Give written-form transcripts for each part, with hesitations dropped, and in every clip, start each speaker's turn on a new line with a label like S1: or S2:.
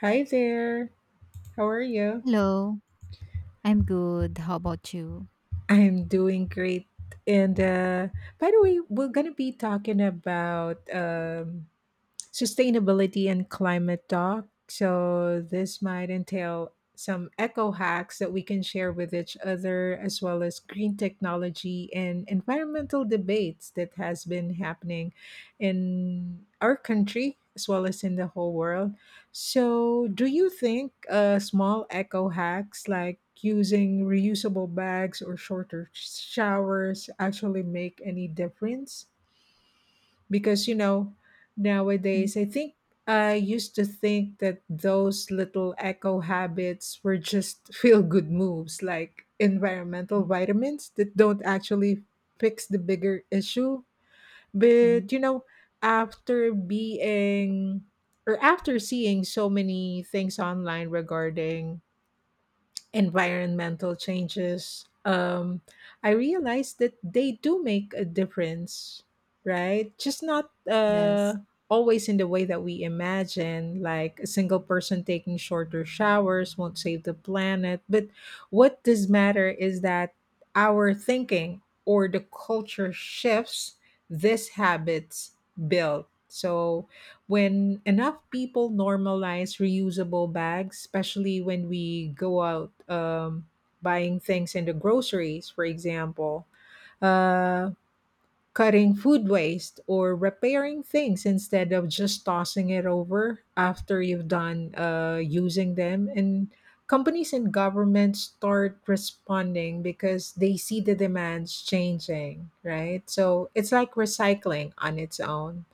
S1: Hi there. How are you?
S2: Hello, I'm good. How about you?
S1: I'm doing great. And By the way, we're gonna be talking about sustainability and climate talk. So, this might entail some eco hacks that we can share with each other, as well as green technology and environmental debates that has been happening in our country as well as in the whole world. So, do you think small eco hacks like using reusable bags or shorter showers actually make any difference? Because you know
S2: Mhm,
S1: nowadays I used to think that those little eco habits were just feel good moves like environmental vitamins that don't actually fix the bigger issue,
S2: mhm.
S1: but you know, after being or after seeing so many things online regarding environmental changes, I realized that they do make a difference, right? Just not
S2: Yes,
S1: always in the way that we imagine, like a single person taking shorter showers won't save the planet. But what does matter is that our thinking or the culture shifts, these habits build. So when enough people normalize reusable bags, especially when we go out, buying things in the groceries, for example, uh, cutting food waste or repairing things instead of just tossing it over after you've done using them. And companies and governments start responding because they see the demands changing, right? So it's like recycling on its own.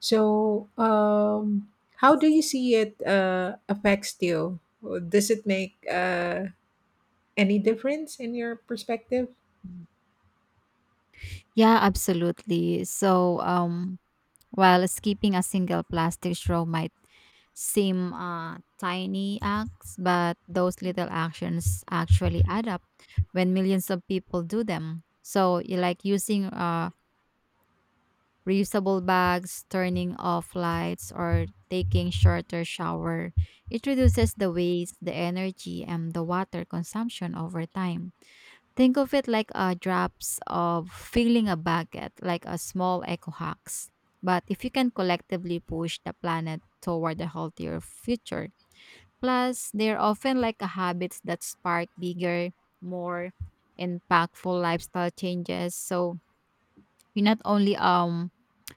S1: So, um, how do you
S2: yes.
S1: see it affects you? Does it make any difference in your perspective?
S2: Mm. Yeah, absolutely. So, while skipping a single plastic straw might seem tiny acts, but those little actions actually add up when millions of people do them. So, you like using reusable bags, turning off lights, or taking shorter shower. It reduces the waste, the energy, and the water consumption over time. Think of it like a drops of filling a bucket, like a small eco hacks. But if you can collectively push the planet toward a healthier future, plus they're often like a habits that spark bigger, more impactful lifestyle changes. So you not only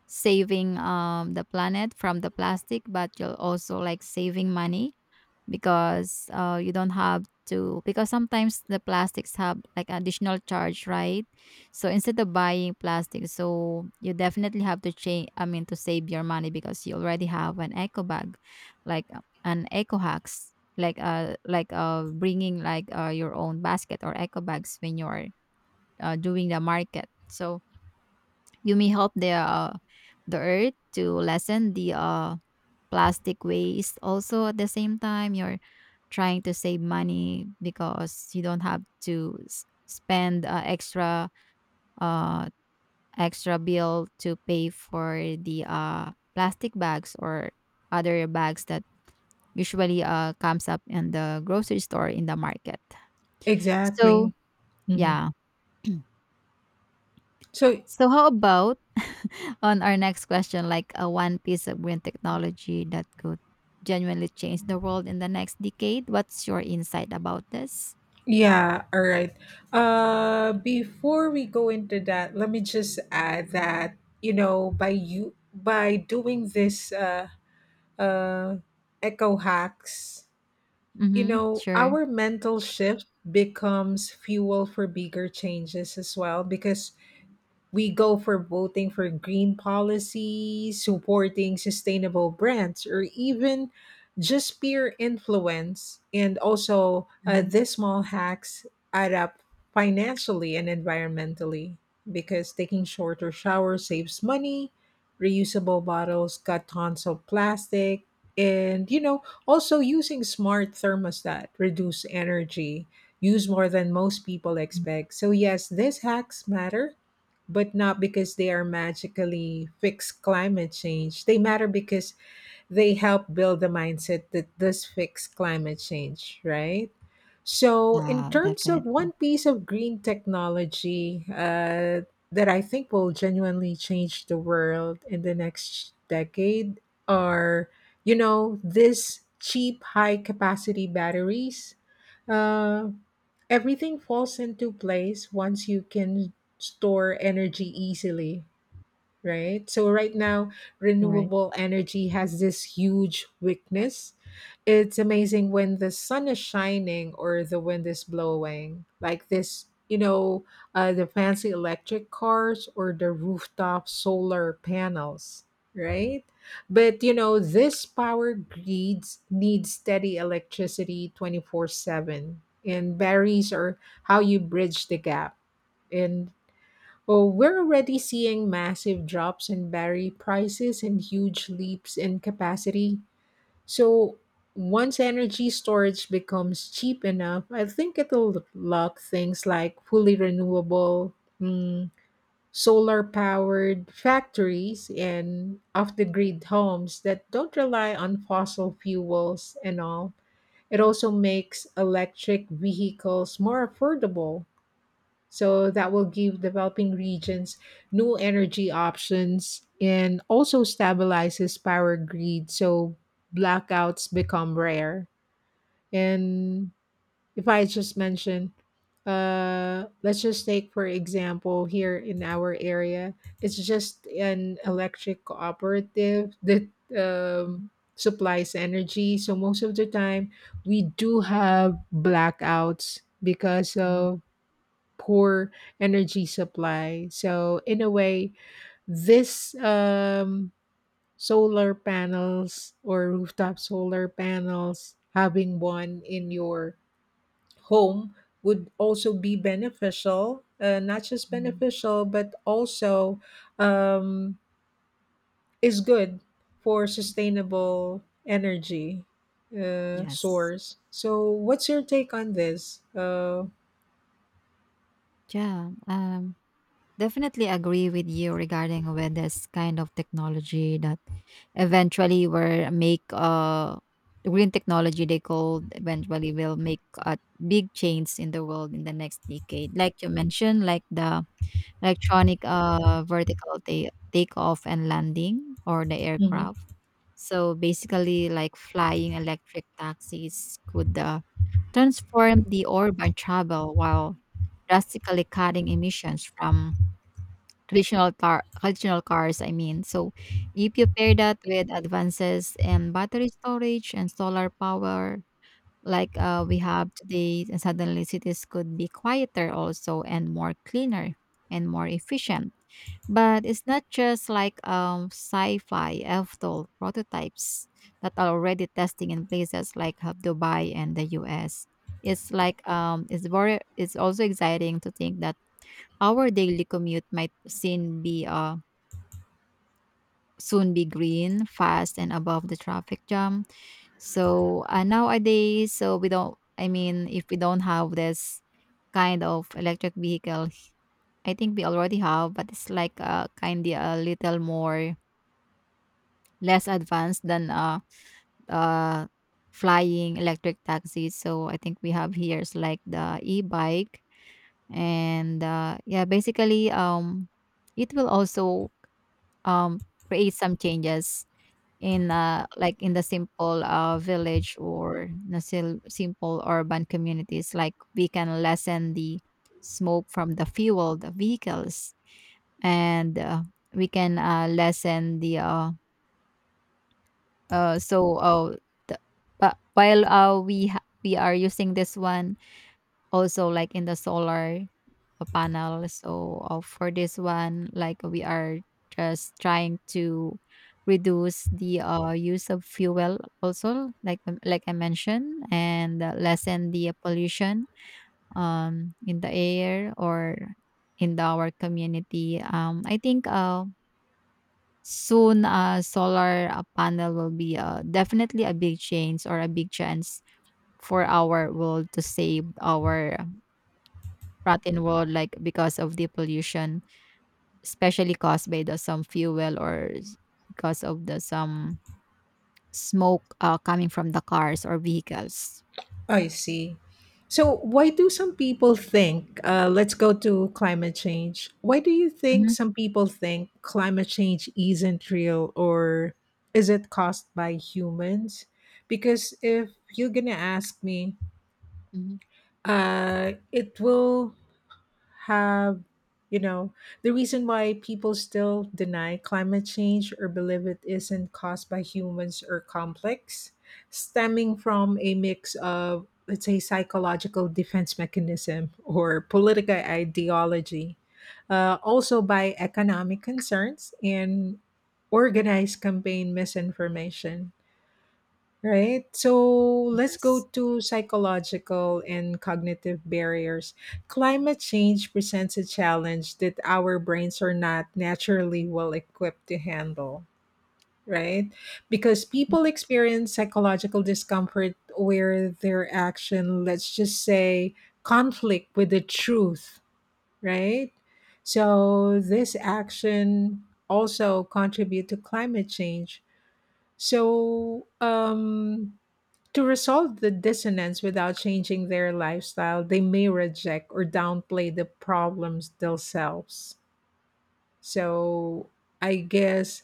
S2: saving the planet from the plastic, but you'll also like saving money because you don't have to, because sometimes the plastics have like additional charge, right? So instead of buying plastic, so you definitely have to change, I mean, to save your money because you already have an eco bag, like an eco hacks like bringing like your own basket or eco bags when you're doing the market. So you may help the earth to lessen the plastic waste. Also, at the same time, you're trying to save money because you don't have to spend uh, extra bill to pay for the plastic bags or other bags that usually comes up in the grocery store in the market. So
S1: Exactly. hmm
S2: yeah.
S1: So.
S2: So how about on our next question, like a one piece of green technology that could genuinely change the world in the next decade. What's your insight about this?
S1: Yeah, all right. Before we go into that, let me just add that, you know, by doing this uh echo hacks, you
S2: Mm-hmm.
S1: know,
S2: Sure.
S1: our mental shift becomes fuel for bigger changes as well because we go for voting for green policies, supporting sustainable brands, or even just peer influence. And also,
S2: Hmm.
S1: these small hacks add up financially and environmentally because taking shorter showers saves money, reusable bottles cut tons of plastic, and you know, also using smart thermostat reduce energy use more than most people expect. So yes, these hacks matter, but not because they are magically fixed climate change. They matter because they help build the mindset that this fix climate change, right? So, in
S2: Yeah,
S1: terms of
S2: definitely.
S1: one piece of green technology that I think will genuinely change the world in the next decade are, you know, these cheap, high capacity batteries. Uh, Everything falls into place once you can store energy easily, right? So right now,
S2: You're right.
S1: renewable energy has this huge weakness. It's amazing when the sun is shining or the wind is blowing, like this, you know, the fancy electric cars or the rooftop solar panels, right? But you know, this power grids need steady electricity 24/7, and batteries are how you bridge the gap. And oh, we're already seeing massive drops in battery prices and huge leaps in capacity. So, once energy storage becomes cheap enough, I think it'll lock things like fully renewable, mm, solar powered factories and off the grid homes that don't rely on fossil fuels and all. It also makes electric vehicles more affordable, so that will give developing regions new energy options and also stabilizes power grid so blackouts become rare. And if I just mention, let's just take for example here in our area, it's just an electric cooperative that
S2: Mhm.
S1: supplies energy. So most of the time, we do have blackouts because of poor energy supply. So in a way, this solar panels or rooftop solar panels, having one in your home would also be beneficial. Not just
S2: Mhm.
S1: beneficial, but also um, is good for sustainable energy
S2: Yes.
S1: source. So, what's your take on this?
S2: Yeah. Definitely agree with you regarding with this kind of technology that eventually will make the green technology they called eventually will make a big change in the world in the next decade. Like you mentioned, like the electronic vertical takeoff and landing or the
S1: Mhm.
S2: aircraft. So basically, like flying electric taxis could transform the urban travel while drastically cutting emissions from traditional cars, I mean. So if you pair that with advances in battery storage and solar power like we have today, and suddenly cities could be quieter also and more cleaner and more efficient, but it's not just like sci-fi after prototypes that are already testing in places like Dubai and the US. It's like it's very it's also exciting to think that our daily commute might soon be green, fast, and above the traffic jam. So nowadays, so we don't. I mean, if we don't have this kind of electric vehicle, I think we already have, but it's like kind of a little more less advanced than uh, flying electric taxis. So I think we have here is like the e-bike, and yeah, basically, it will also um, create some changes in like in the simple village or the simple urban communities, like we can lessen the smoke from the fuel the vehicles, and we can lessen the so the, but while we are using this one also like in the solar a panel. So for this one, like we are just trying to reduce the use of fuel also like I mentioned, and lessen the pollution in the air or in the, our community. I think soon solar panel will be definitely a big change or a big chance for our world to save our rotten world, like because of the pollution, especially caused by the some fuel, or because of the some smoke coming from the cars or vehicles.
S1: I see. So, why do some people think, let's go to climate change? Why do you think
S2: Mhm,
S1: some people think climate change isn't real or is it caused by humans? Because if you're going to ask me,
S2: mhm.
S1: it will have, you know, the reason why people still deny climate change or believe it isn't caused by humans or complex stemming from a mix of let's say psychological defense mechanism or political ideology, also by economic concerns and organized campaign misinformation. Right. So let's
S2: Yes.
S1: go to psychological and cognitive barriers. Climate change presents a challenge that our brains are not naturally well equipped to handle, right? Because people experience psychological discomfort where their action, let's just say, conflict with the truth, right? So this action also contribute to climate change. So, to resolve the dissonance without changing their lifestyle, they may reject or downplay the problems themselves. So I guess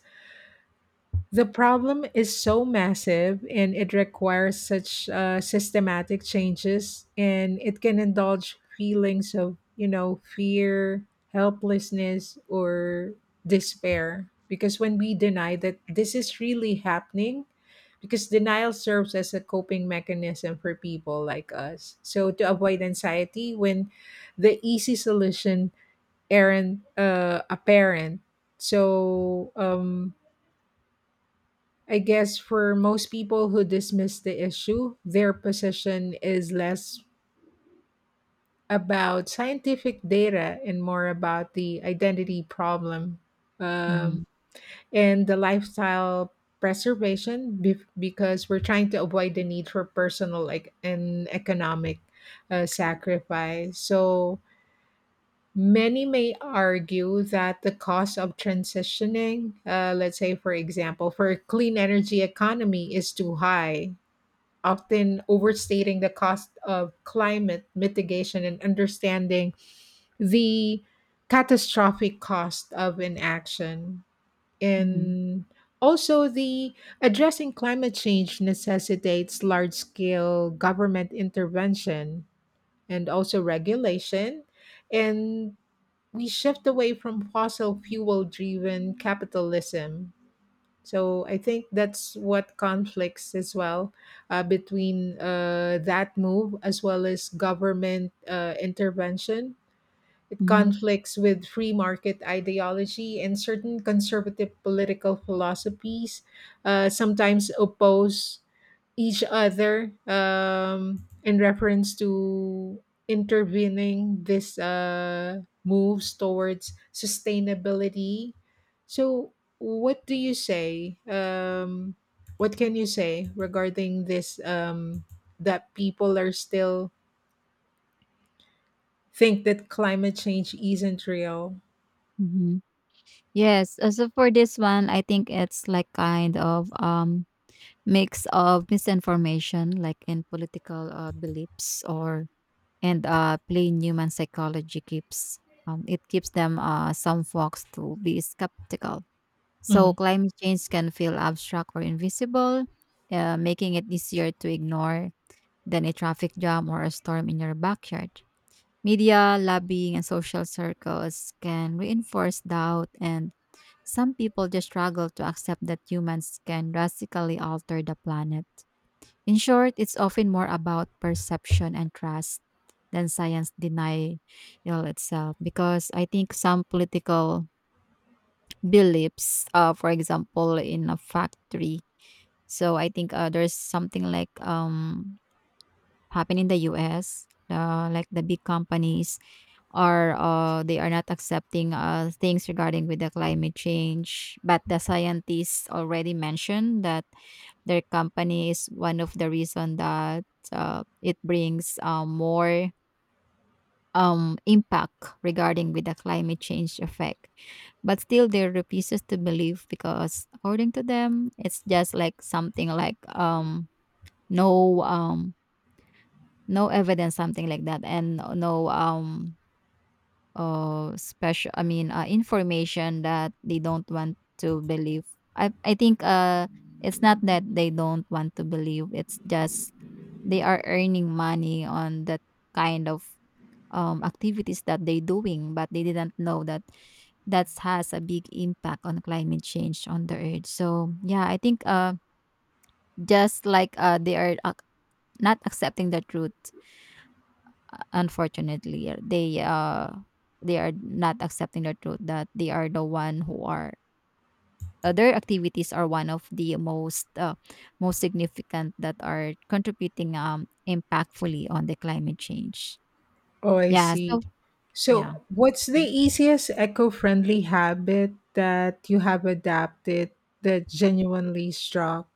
S1: the problem is so massive and it requires such systematic changes, and it can indulge feelings of, you know, fear, helplessness, or despair. Because when we deny that this is really happening, because denial serves as a coping mechanism for people like us. So to avoid anxiety when the easy solution aren't apparent. So, I guess for most people who dismiss the issue, their position is less about scientific data and more about the identity problem, um,
S2: Mm-hmm.
S1: and the lifestyle preservation because we're trying to avoid the need for personal like and economic sacrifice. So many may argue that the cost of transitioning, let's say for example, for a clean energy economy is too high, often overstating the cost of climate mitigation and understanding the catastrophic cost of inaction.
S2: Mm-hmm.
S1: And also, the addressing climate change necessitates large scale government intervention and also regulation. And we shift away from fossil fuel driven capitalism, so I think that's what conflicts as well between that move as well as government intervention. It
S2: Mm-hmm.
S1: conflicts with free market ideology and certain conservative political philosophies, sometimes oppose each other in reference to intervening this moves towards sustainability. So, what do you say? What can you say regarding this? That people are still think that climate change isn't real.
S2: Hmm. Yes. So for this one, I think it's like kind of mix of misinformation, like in political beliefs, or and plain human psychology keeps it keeps them some folks to be skeptical. So
S1: Mhm.
S2: climate change can feel abstract or invisible, making it easier to ignore than a traffic jam or a storm in your backyard. Media, lobbying, and social circles can reinforce doubt, and some people just struggle to accept that humans can drastically alter the planet. In short, it's often more about perception and trust than science denial itself, because I think some political beliefs, for example, in a factory, so I think there's something like happen in the US, like the big companies are they are not accepting things regarding with the climate change, but the scientists already mentioned that their company is one of the reason that it brings more impact regarding with the climate change effect, but still they refuses to believe because according to them, it's just like something like no, no evidence, something like that, and no, no, special, I mean, information that they don't want to believe. I think it's not that they don't want to believe, it's just they are earning money on that kind of activities that they doing, but they didn't know that that has a big impact on climate change on the earth. So yeah, I think, just like they are not accepting the truth, unfortunately. They are not accepting the truth that they are the one who are their activities are one of the most most significant that are contributing impactfully on the climate change.
S1: Oh, I
S2: Yeah.
S1: see.
S2: So
S1: So,
S2: yeah.
S1: what's the easiest eco friendly habit that you have adapted that genuinely struck?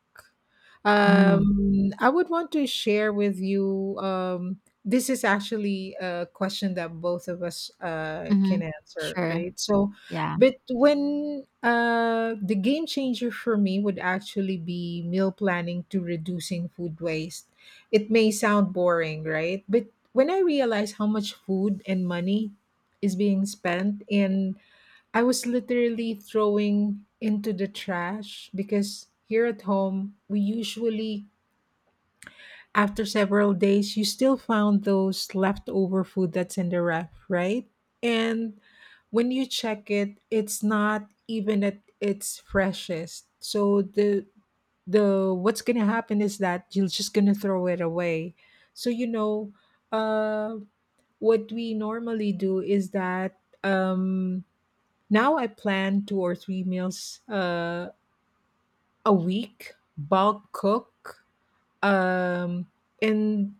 S2: Mm-hmm.
S1: I would want to share with you. This is actually a question that both of us can
S2: Mm-hmm.
S1: answer,
S2: Sure.
S1: right? So,
S2: Yeah.
S1: but when the game changer for me would actually be meal planning to reducing food waste. It may sound boring, right? But when I realize how much food and money is being spent in I was literally throwing into the trash because here at home, we usually, after several days, you still found those leftover food that's in the ref, right? And when you check it, it's not even at its freshest. So the what's gonna happen is that you're just gonna throw it away. So you know, uh, what we normally do is that now I plan two or three meals a week, bulk cook, um, and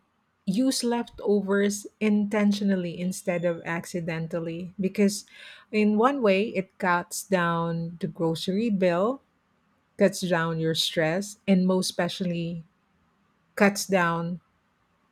S1: use leftovers intentionally instead of accidentally. Because in one way, it cuts down the grocery bill, cuts down your stress, and most especially cuts down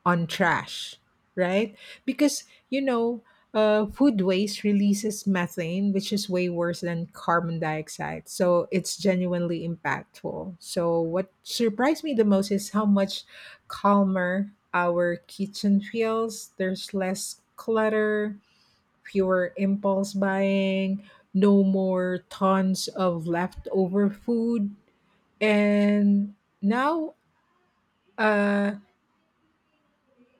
S1: on trash, right? Because, you know, food waste releases methane, which is way worse than carbon dioxide. So it's genuinely impactful. So, what surprised me the most is how much calmer our kitchen feels. There's less clutter, fewer impulse buying, no more tons of leftover food. And now, uh,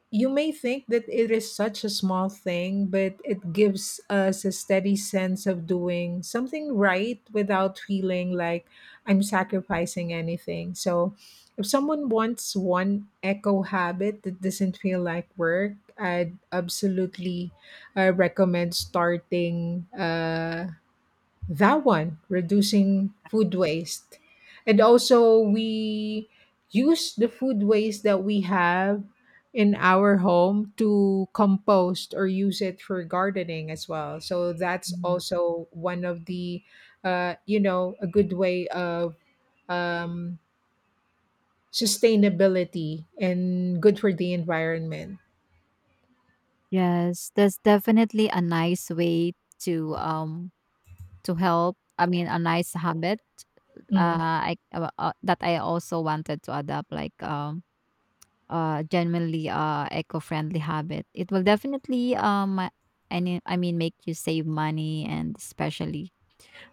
S1: You may think that it is such a small thing, but it gives us a steady sense of doing something right without feeling like I'm sacrificing anything. So, if someone wants one eco habit that doesn't feel like work, I'd absolutely recommend starting. That one, reducing food waste, and also we use the food waste that we have in our home to compost or use it for gardening as well. So that's
S2: Mhm.
S1: also one of the you know, a good way of um, sustainability and good for the environment.
S2: Yes, that's definitely a nice way to um to help. I mean, a nice habit.
S1: Mhm,
S2: I that I also wanted to adopt, like genuinely eco-friendly habit. It will definitely any, I mean, make you save money, and especially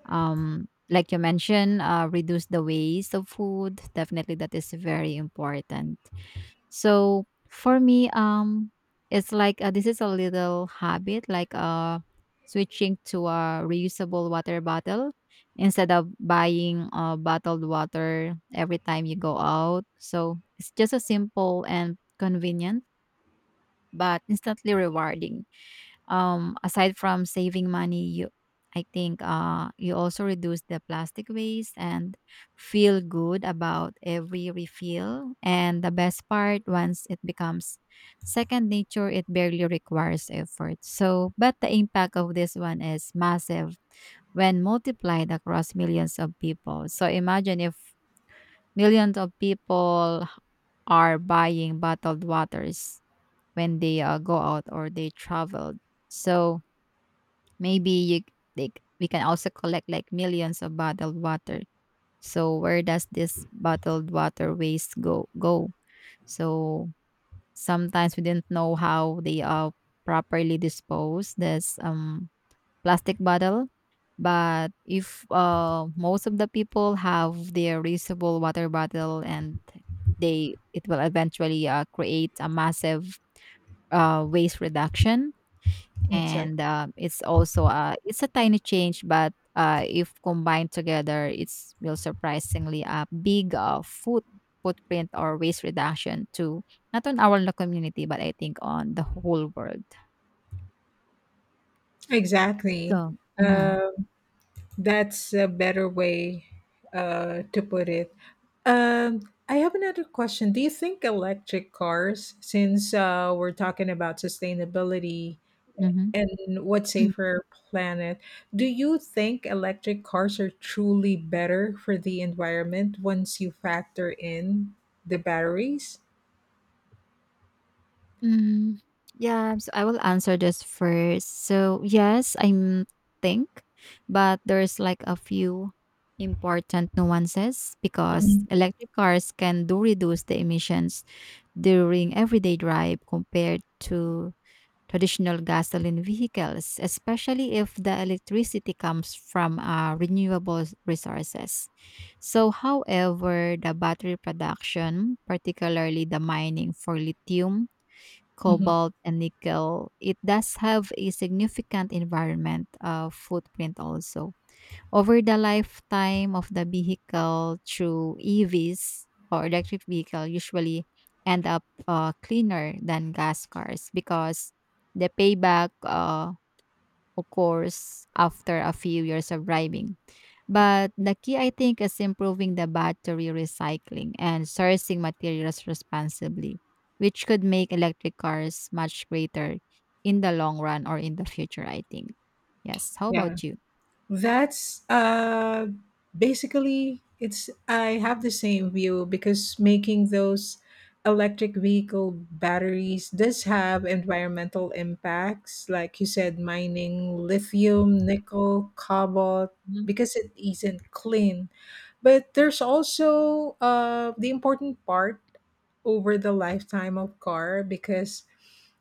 S2: like you mentioned, reduce the waste of food. Definitely, that is very important. So for me, it's like this is a little habit, like switching to a reusable water bottle instead of buying bottled water every time you go out. So it's just a simple and convenient, but instantly rewarding, aside from saving money, you, I think, you also reduce the plastic waste and feel good about every refill, and the best part, once it becomes second nature, it barely requires effort. So but the impact of this one is massive when multiplied across millions of people. So imagine if millions of people are buying bottled waters when they go out or they travel. So maybe you, they, we can also collect like millions of bottled water. So where does this bottled water waste go? Go. So sometimes we didn't know how they are properly disposed. This plastic bottle, but if most of the people have their reusable water bottle, and they it will eventually create a massive waste reduction. And
S1: exactly.
S2: it's also it's a tiny change, but if combined together, it's will surprisingly a big footprint or waste reduction to not on our local community but I think on the whole world. So.
S1: Exactly.
S2: Mhm,
S1: That's a better way to put it. Um, I have another question. Do you think electric cars, since we're talking about sustainability
S2: mhm.
S1: and what's safer planet, do you think electric cars are truly better for the environment once you factor in the batteries?
S2: Mm, yeah, so I will answer this first. So yes, I think, but there's like a few important nuances because
S1: Mhm.
S2: electric cars can do reduce the emissions during everyday drive compared to traditional gasoline vehicles, especially if the electricity comes from renewable resources. So, however, the battery production, particularly the mining for lithium,
S1: Mhm.
S2: cobalt, and nickel, it does have a significant environment footprint also over the lifetime of the vehicle through EVs or electric vehicle usually end up cleaner than gas cars because the payback occurs after a few years of driving. But the key, I think, is improving the battery recycling and sourcing materials responsibly, which could make electric cars much greater in the long run or in the future, I think. Yes. How
S1: Yeah.
S2: about you?
S1: That's basically it's. I have the same view because making those electric vehicle batteries does have environmental impacts, like you said, mining lithium, nickel, cobalt,
S2: Mhm.
S1: because it isn't clean. But there's also the important part over the lifetime of car because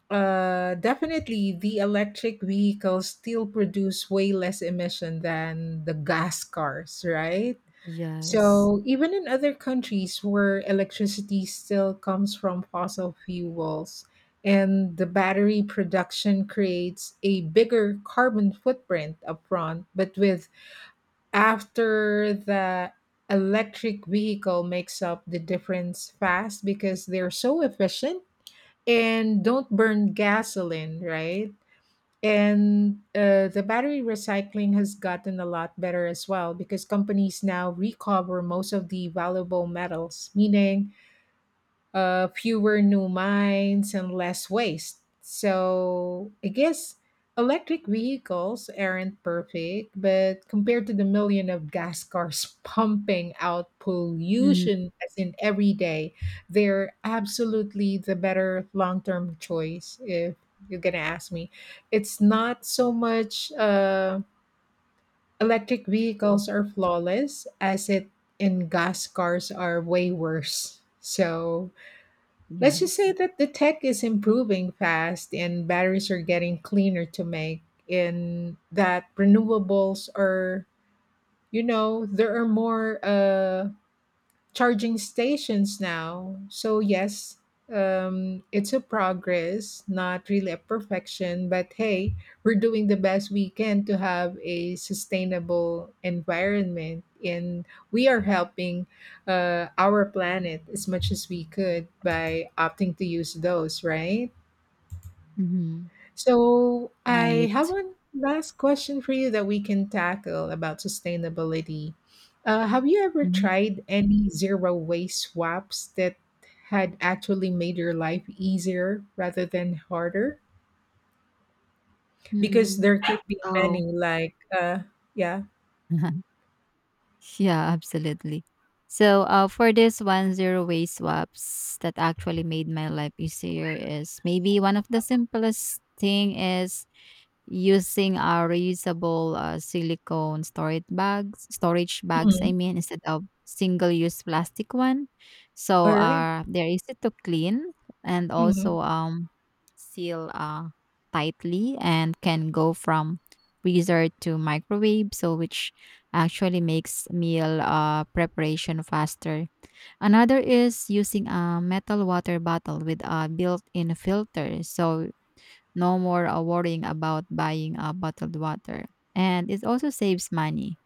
S1: definitely, the electric vehicles still produce way less emission than the gas cars, right?
S2: Yes.
S1: So even in other countries where electricity still comes from fossil fuels and the battery production creates a bigger carbon footprint upfront, but with after the electric vehicle makes up the difference fast because they're so efficient and don't burn gasoline, right? And the battery recycling has gotten a lot better as well because companies now recover most of the valuable metals, meaning fewer new mines and less waste. So I guess electric vehicles aren't perfect, but compared to the million of gas cars pumping out
S2: Mm,
S1: pollution as in every day, they're absolutely the better long term choice if you're going to ask me. It's not so much electric vehicles are flawless as it in gas cars are way worse. So let's just say
S2: yes.
S1: that the tech is improving fast and batteries are getting cleaner to make, and that renewables are, there are more charging stations now. So yes, it's a progress, not really a perfection, but hey, we're doing the best we can to have a sustainable environment, and we are helping our planet as much as we could by opting to use those, right?
S2: Mhm.
S1: So I have
S2: Right.
S1: one last question for you that we can tackle about sustainability. Have you ever tried any zero waste swaps that had actually made your life easier rather than harder? Because
S2: Mhm.
S1: there could be many,
S2: Oh.
S1: like, yeah.
S2: Yeah, absolutely. So, for this one, zero waste swaps that actually made my life easier is maybe one of the simplest thing is using, reusable, silicone storage bags, I
S1: Mhm.
S2: mean, instead of single-use plastic one. So,
S1: All right.
S2: they're easy to clean, and
S1: Mhm.
S2: also, seal tightly, and can go from freezer to microwave, so which actually makes meal, preparation faster. Another is using a metal water bottle with a built-in filter, so no more worrying about buying bottled water. And it also saves money.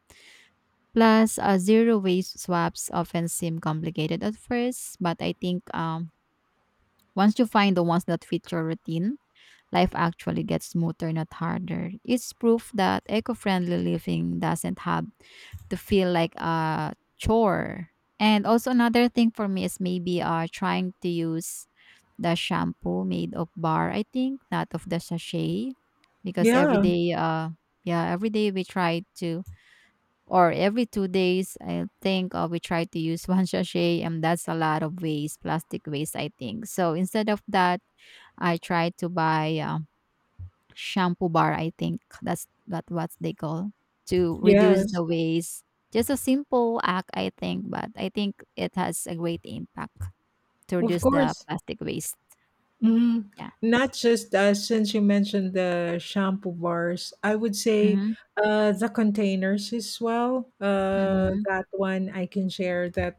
S2: Plus, zero waste swaps often seem complicated at first, but I think once you find the ones that fit your routine, life actually gets smoother, not harder. It's proof that eco friendly living doesn't have to feel like a chore. And also, another thing for me is maybe trying to use the shampoo made of bar, I think, not of the sachet. Because every
S1: Yeah.
S2: day, yeah, every day we try to, or every 2 days, I think we try to use one sachet, and that's a lot of waste, plastic waste, I think. So instead of that, I tried to buy shampoo bar. I think that's that what they call to reduce
S1: Yes.
S2: the waste. Just a simple act, I think, but I think it has a great impact to
S1: Of
S2: reduce the
S1: course.
S2: plastic waste.
S1: Hmm.
S2: Yeah.
S1: Not just since you mentioned the shampoo bars, I would say
S2: Mm-hmm.
S1: the containers as well.
S2: Mhm,
S1: That one I can share that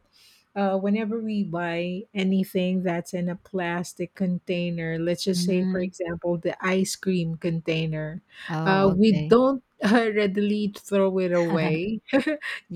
S1: whenever we buy anything that's in a plastic container, let's just say, for
S2: mm.
S1: example, the ice cream container,
S2: Oh,
S1: we
S2: okay.
S1: don't readily throw it away.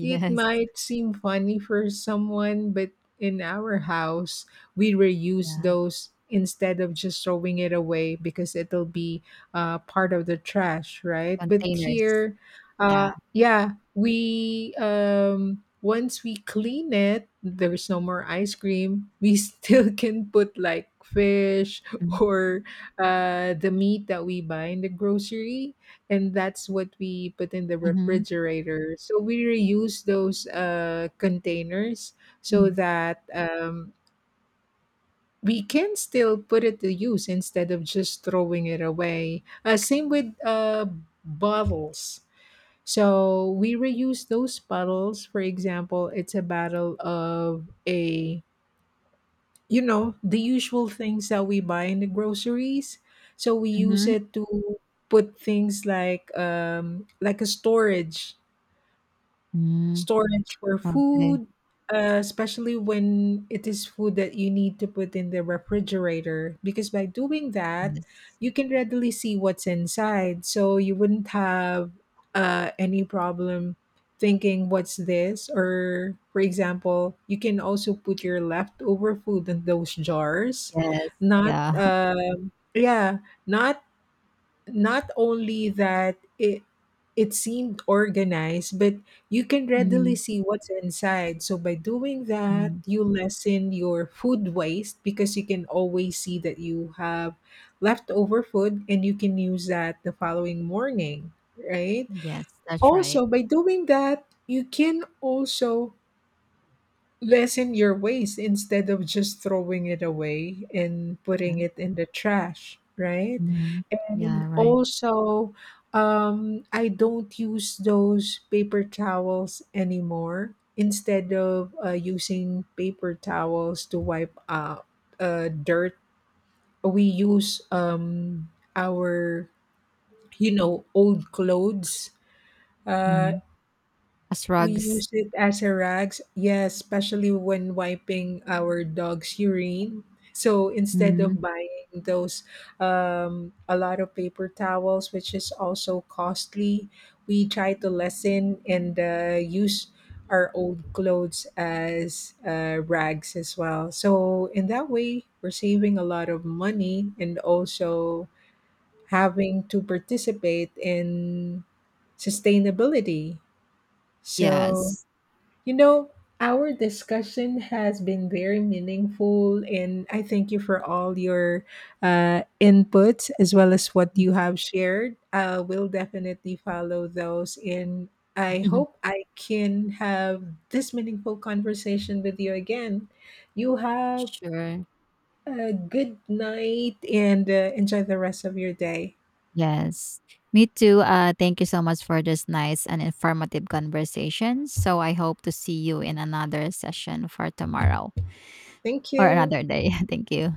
S1: It might seem funny for someone, but in our house, we reuse
S2: Yeah,
S1: those instead of just throwing it away because it'll be part of the trash, right? But
S2: containers.
S1: here,
S2: Yeah.
S1: yeah, we once we clean it, there's no more ice cream. We still can put like fish
S2: Mm,
S1: or the meat that we buy in the grocery, and that's what we put in the
S2: mhm,
S1: refrigerator. So we reuse those containers so
S2: mm,
S1: that we can still put it to use instead of just throwing it away. Same with bottles. So we reuse those bottles. For example, it's a bottle of a, you know, the usual things that we buy in the groceries. So we use
S2: mhm.
S1: it to put things like like a storage
S2: Mm,
S1: storage for
S2: okay.
S1: food, especially when it is food that you need to put in the refrigerator. Because by doing that,
S2: Yes.
S1: you can readily see what's inside. So you wouldn't have any problem thinking, what's this? Or, for example, you can also put your leftover food in those jars,
S2: Yes,
S1: not.
S2: yeah.
S1: um yeah, not not only that it seemed organized, but you can readily
S2: Mm,
S1: see what's inside. So by doing that,
S2: mm.
S1: you lessen your food waste because you can always see that you have leftover food and you can use that the following morning, right?
S2: Yes, that's right.
S1: Also by doing that, you can also lessen your waste instead of just throwing it away and
S2: Uh,
S1: putting it in the trash, right?
S2: mhm.
S1: And
S2: Yeah, right.
S1: also, I don't use those paper towels anymore. Instead of using paper towels to wipe out dirt, we use our old clothes, uh
S2: Mhm. As
S1: we
S2: rugs.
S1: use it as a rags, yes, especially when wiping our dog's urine. So instead of
S2: Mhm.
S1: buying those a lot of paper towels, which is also costly, we try to lessen and use our old clothes as rags as well. So in that way, we're saving a lot of money and also having to participate in sustainability. So
S2: Yes.
S1: you know, our discussion has been very meaningful, and I thank you for all your inputs as well as what you have shared. We'll definitely follow those, and I hope I can have this meaningful conversation with you again. You have
S2: Sure.
S1: a good night and enjoy the rest of your day.
S2: Yes. Me too. Thank you so much for this nice and informative conversation. So I hope to see you in another session for tomorrow
S1: Thank
S2: or
S1: you.
S2: another day. Thank you.